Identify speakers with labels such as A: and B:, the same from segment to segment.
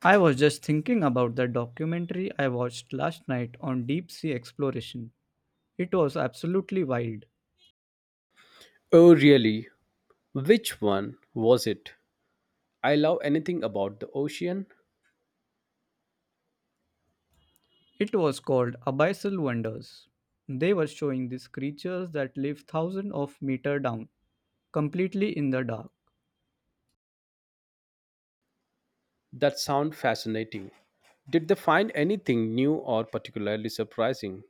A: I was just thinking about the documentary I watched last night on deep sea exploration. It was absolutely wild.
B: Oh, really? Which one was it? I love anything about the ocean.
A: It was called Abyssal Wonders. They were showing these creatures that live thousands of meter down, completely in the dark.
B: That sounds fascinating. Did they find anything new or particularly surprising?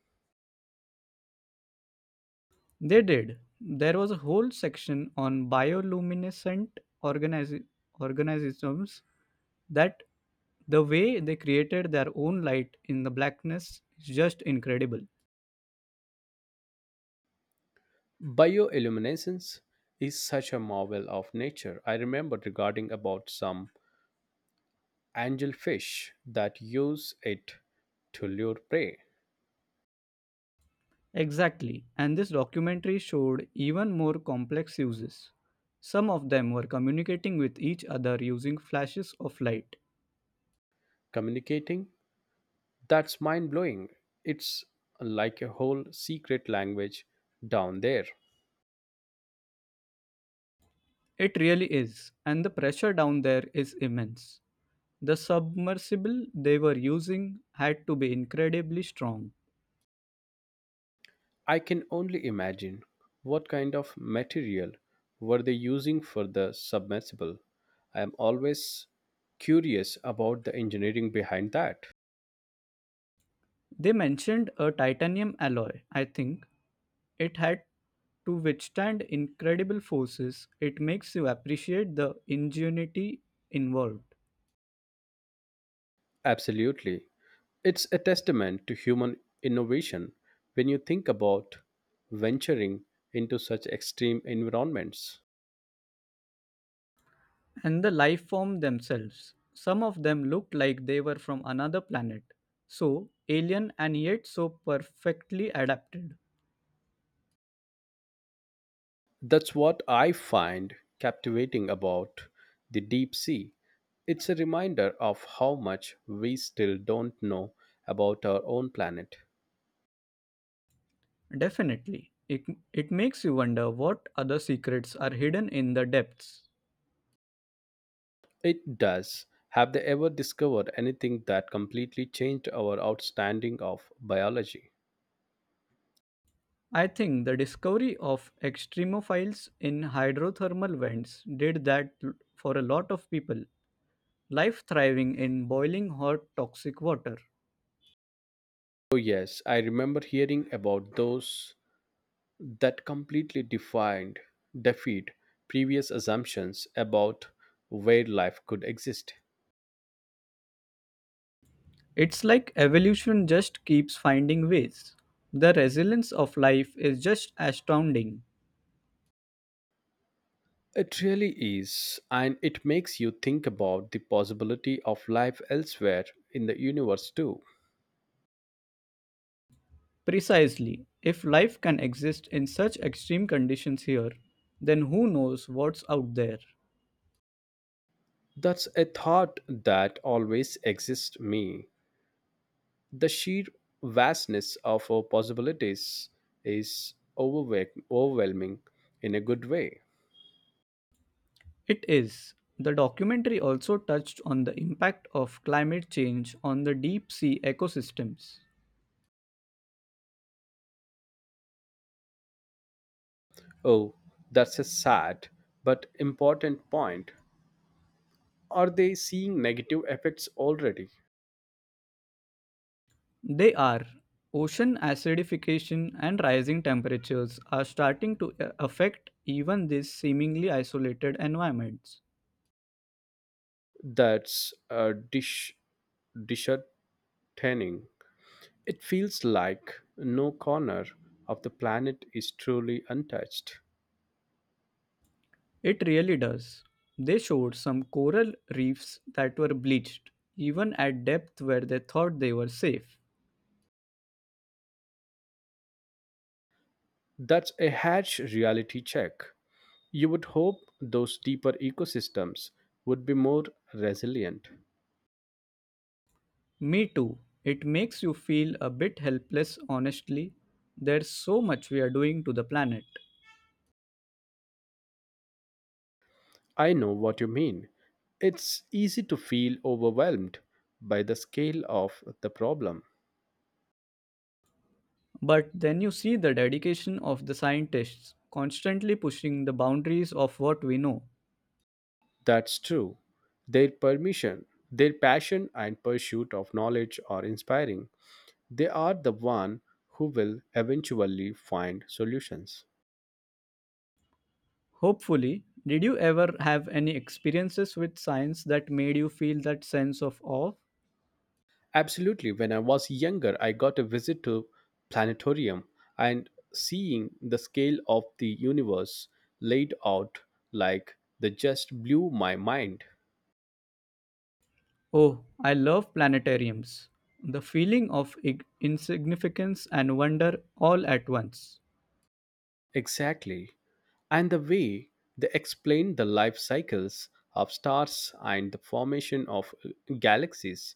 A: They did. There was a whole section on bioluminescent organis- organisms that the way they created their own light in the blackness is just incredible.
B: Bioilluminescence is such a marvel of nature. I remember regarding about some angelfish that use it to lure prey.
A: Exactly, and this documentary showed even more complex uses. Some of them were communicating with each other using flashes of light.
B: Communicating? That's mind blowing. It's like a whole secret language down there.
A: It really is, and the pressure down there is immense. The submersible they were using had to be incredibly strong.
B: I can only imagine what kind of material were they using for the submersible. I am always curious about the engineering behind that.
A: They mentioned a titanium alloy, I think. It had to withstand incredible forces. It makes you appreciate the ingenuity involved.
B: Absolutely. It's a testament to human innovation when you think about venturing into such extreme environments.
A: And the life form themselves. Some of them looked like they were from another planet. So alien and yet so perfectly adapted.
B: That's what I find captivating about the deep sea. It's a reminder of how much we still don't know about our own planet.
A: Definitely. It makes you wonder what other secrets are hidden in the depths.
B: It does. Have they ever discovered anything that completely changed our outstanding of biology?
A: I think the discovery of extremophiles in hydrothermal vents did that for a lot of people. Life thriving in boiling hot toxic water.
B: Oh yes, I remember hearing about those that completely defined defied previous assumptions about where life could exist.
A: It's like evolution just keeps finding ways. The resilience of life is just astounding.
B: It really is, and it makes you think about the possibility of life elsewhere in the universe too.
A: Precisely, if life can exist in such extreme conditions here, then who knows what's out there?
B: That's a thought that always exists me. The sheer vastness of our possibilities is overwhelming in a good way.
A: It is. The documentary also touched on the impact of climate change on the deep sea ecosystems.
B: Oh, that's a sad but important point. Are they seeing negative effects already?
A: They are ocean acidification and rising temperatures are starting to affect even these seemingly isolated environments.
B: That's disheartening. It feels like no corner of the planet is truly untouched.
A: It really does. They showed some coral reefs that were bleached, even at depth where they thought they were safe.
B: That's a harsh reality check. You would hope those deeper ecosystems would be more resilient.
A: Me too. It makes you feel a bit helpless, honestly. There's so much we are doing to the planet.
B: I know what you mean. It's easy to feel overwhelmed by the scale of the problem.
A: But then you see the dedication of the scientists, constantly pushing the boundaries of what we know.
B: That's true. Their permission, their passion and pursuit of knowledge are inspiring. They are the one who will eventually find solutions.
A: Hopefully, did you ever have any experiences with science that made you feel that sense of awe?
B: Absolutely. When I was younger, I got a visit to planetarium and seeing the scale of the universe laid out like the just blew my mind.
A: Oh, I love planetariums. The feeling of insignificance and wonder all at once.
B: Exactly. And the way they explain the life cycles of stars and the formation of galaxies.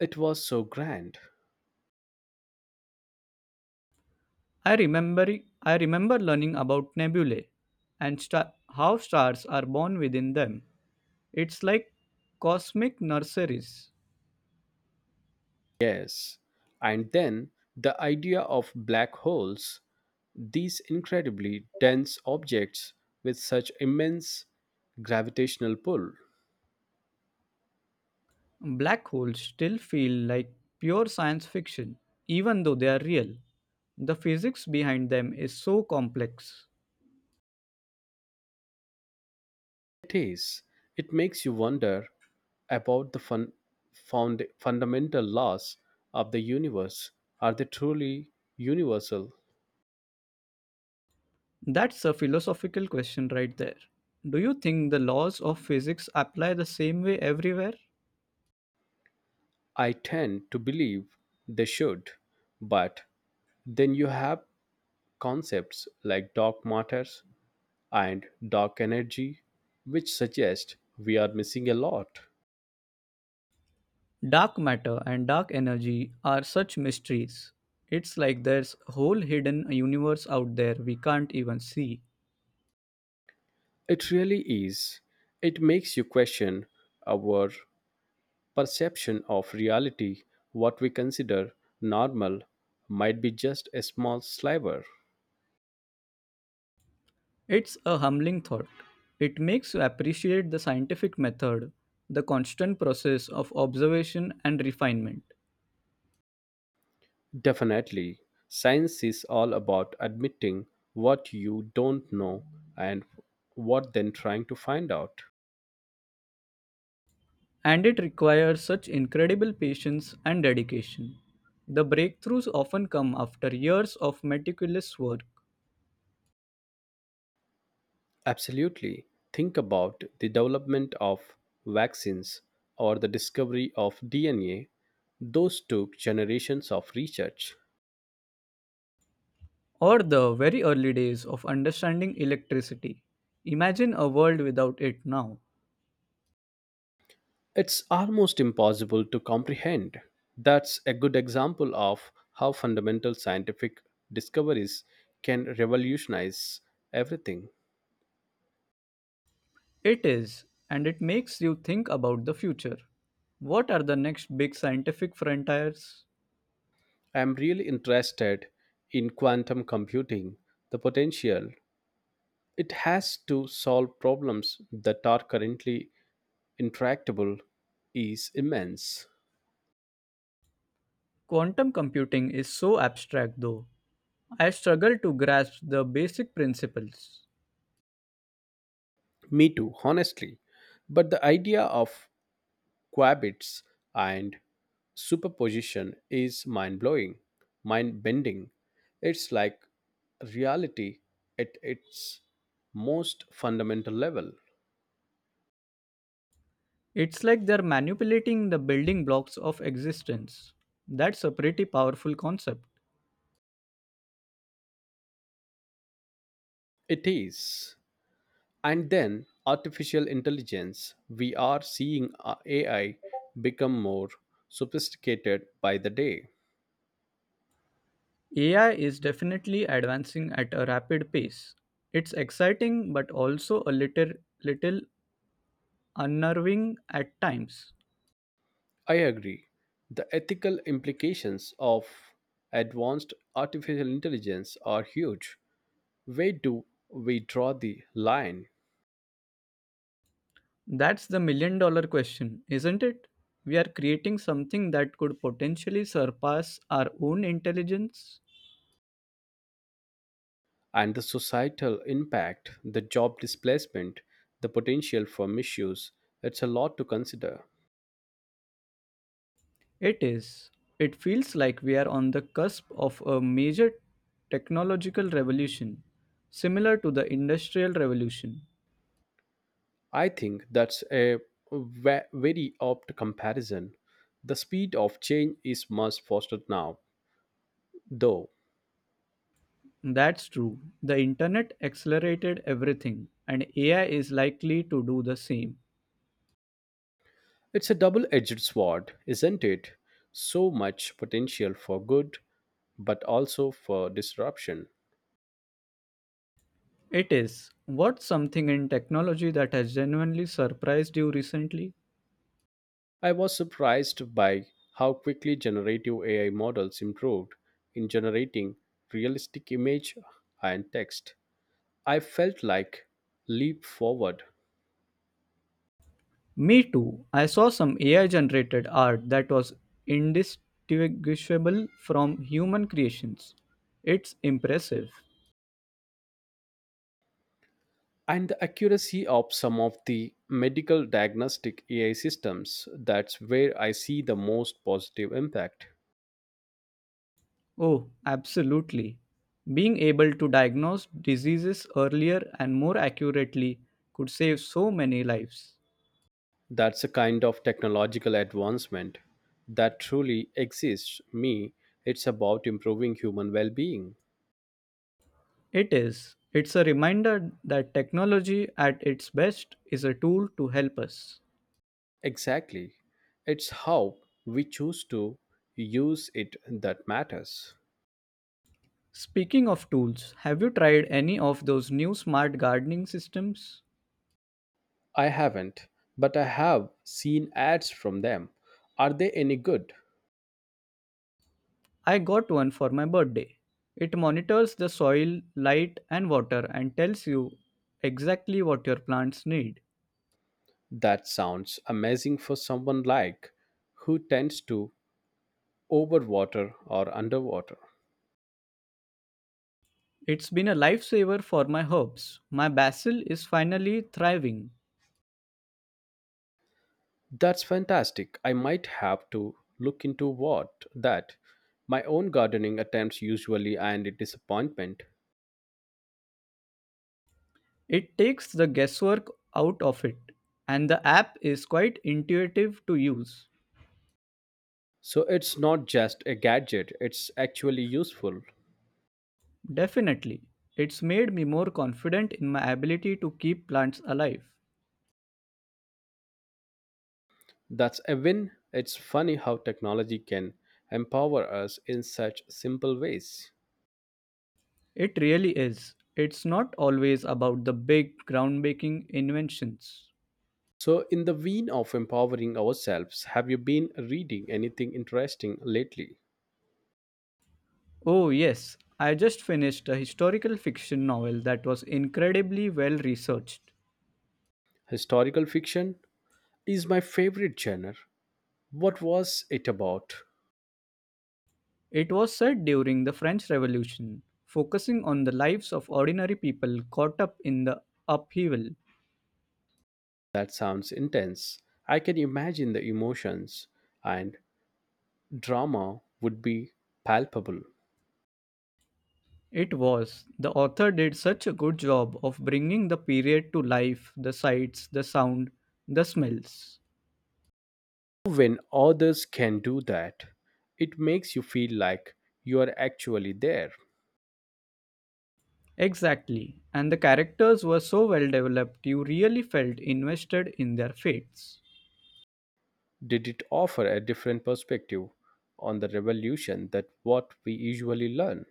B: It was so grand.
A: I remember I remember learning about nebulae and how stars are born within them. It's like cosmic nurseries.
B: Yes. And then the idea of black holes, these incredibly dense objects with such immense gravitational pull.
A: Black holes still feel like pure science fiction even though they are real. The physics behind them is so complex.
B: It is. It makes you wonder about the fundamental laws of the universe. Are they truly universal?
A: That's a philosophical question right there. Do you think the laws of physics apply the same way everywhere?
B: I tend to believe they should, but then you have concepts like dark matters and dark energy, which suggest we are missing a lot.
A: Dark matter and dark energy are such mysteries. It's like there's a whole hidden universe out there we can't even see.
B: It really is. It makes you question our perception of reality. What we consider normal might be just a small sliver.
A: It's a humbling thought. It makes you appreciate the scientific method, the constant process of observation and refinement.
B: Definitely. Science is all about admitting what you don't know and what then trying to find out.
A: And it requires such incredible patience and dedication. The breakthroughs often come after years of meticulous work
B: Absolutely. Think about the development of vaccines or the discovery of DNA. Those took generations of research.
A: or the very early days of understanding electricity. Imagine a world without it now.
B: It's almost impossible to comprehend. That's a good example of how fundamental scientific discoveries can revolutionize everything.
A: It is, and it makes you think about the future. What are the next big scientific frontiers?
B: I'm really interested in quantum computing, the potential it has to solve problems that are currently intractable is immense.
A: Quantum computing is so abstract, though. I struggle to grasp the basic principles.
B: Me too, honestly. But the idea of qubits and superposition is mind blowing, mind bending. It's like reality at its most fundamental level.
A: It's like they're manipulating the building blocks of existence. That's a pretty powerful concept.
B: It is. And then artificial intelligence, we are seeing AI become more sophisticated by the day.
A: AI is definitely advancing at a rapid pace. It's exciting but also a little unnerving at times.
B: I agree. The ethical implications of advanced artificial intelligence are huge. Where do we draw the line?
A: That's the million dollar question, isn't it? We are creating something that could potentially surpass our own intelligence.
B: And the societal impact, the job displacement, the potential for misuse, it's a lot to consider.
A: It is. It feels like we are on the cusp of a major technological revolution, similar to the Industrial Revolution.
B: I think that's a very apt comparison. The speed of change is much faster now, though.
A: That's true. The internet accelerated everything, and AI is likely to do the same.
B: It's a double edged sword, isn't it? So much potential for good, but also for disruption.
A: It is. What's something in technology that has genuinely surprised you recently?
B: I was surprised by how quickly generative AI models improved in generating realistic image and text. I felt like leap forward
A: Me too. I saw some AI generated art that was indistinguishable from human creations. It's impressive.
B: and the accuracy of some of the medical diagnostic AI systems. That's where I see the most positive impact.
A: Oh, absolutely. Being able to diagnose diseases earlier and more accurately could save so many lives.
B: That's a kind of technological advancement that truly exists. Me, it's about improving human well being.
A: It is. It's a reminder that technology at its best is a tool to help us.
B: Exactly. It's how we choose to use it that matters.
A: Speaking of tools, have you tried any of those new smart gardening systems?
B: I haven't, but I have seen ads from them. Are they any good?
A: I got one for my birthday. It monitors the soil, light, and water and tells you exactly what your plants need.
B: That sounds amazing for someone like who tends to overwater or underwater.
A: It's been a lifesaver for my herbs. My basil is finally thriving.
B: That's fantastic. I might have to look into what that my own gardening attempts usually end in disappointment.
A: It takes the guesswork out of it, and the app is quite intuitive to use.
B: So it's not just a gadget, it's actually useful.
A: Definitely, it's made me more confident in my ability to keep plants alive.
B: That's a win. It's funny how technology can empower us in such simple ways.
A: It really is. It's not always about the big, groundbreaking inventions.
B: So, in the vein of empowering ourselves, have you been reading anything interesting lately?
A: Oh, yes, I just finished a historical fiction novel that was incredibly well researched.
B: Historical fiction is my favorite genre. What was it about?
A: It was set during the French Revolution, focusing on the lives of ordinary people caught up in the upheaval.
B: That sounds intense. I can imagine the emotions and drama would be palpable.
A: It was. The author did such a good job of bringing the period to life, the sights, the sound, the smells.
B: When others can do that, it makes you feel like you are actually there.
A: Exactly. And the characters were so well developed, you really felt invested in their fates.
B: Did it offer a different perspective on the revolution that what we usually learn?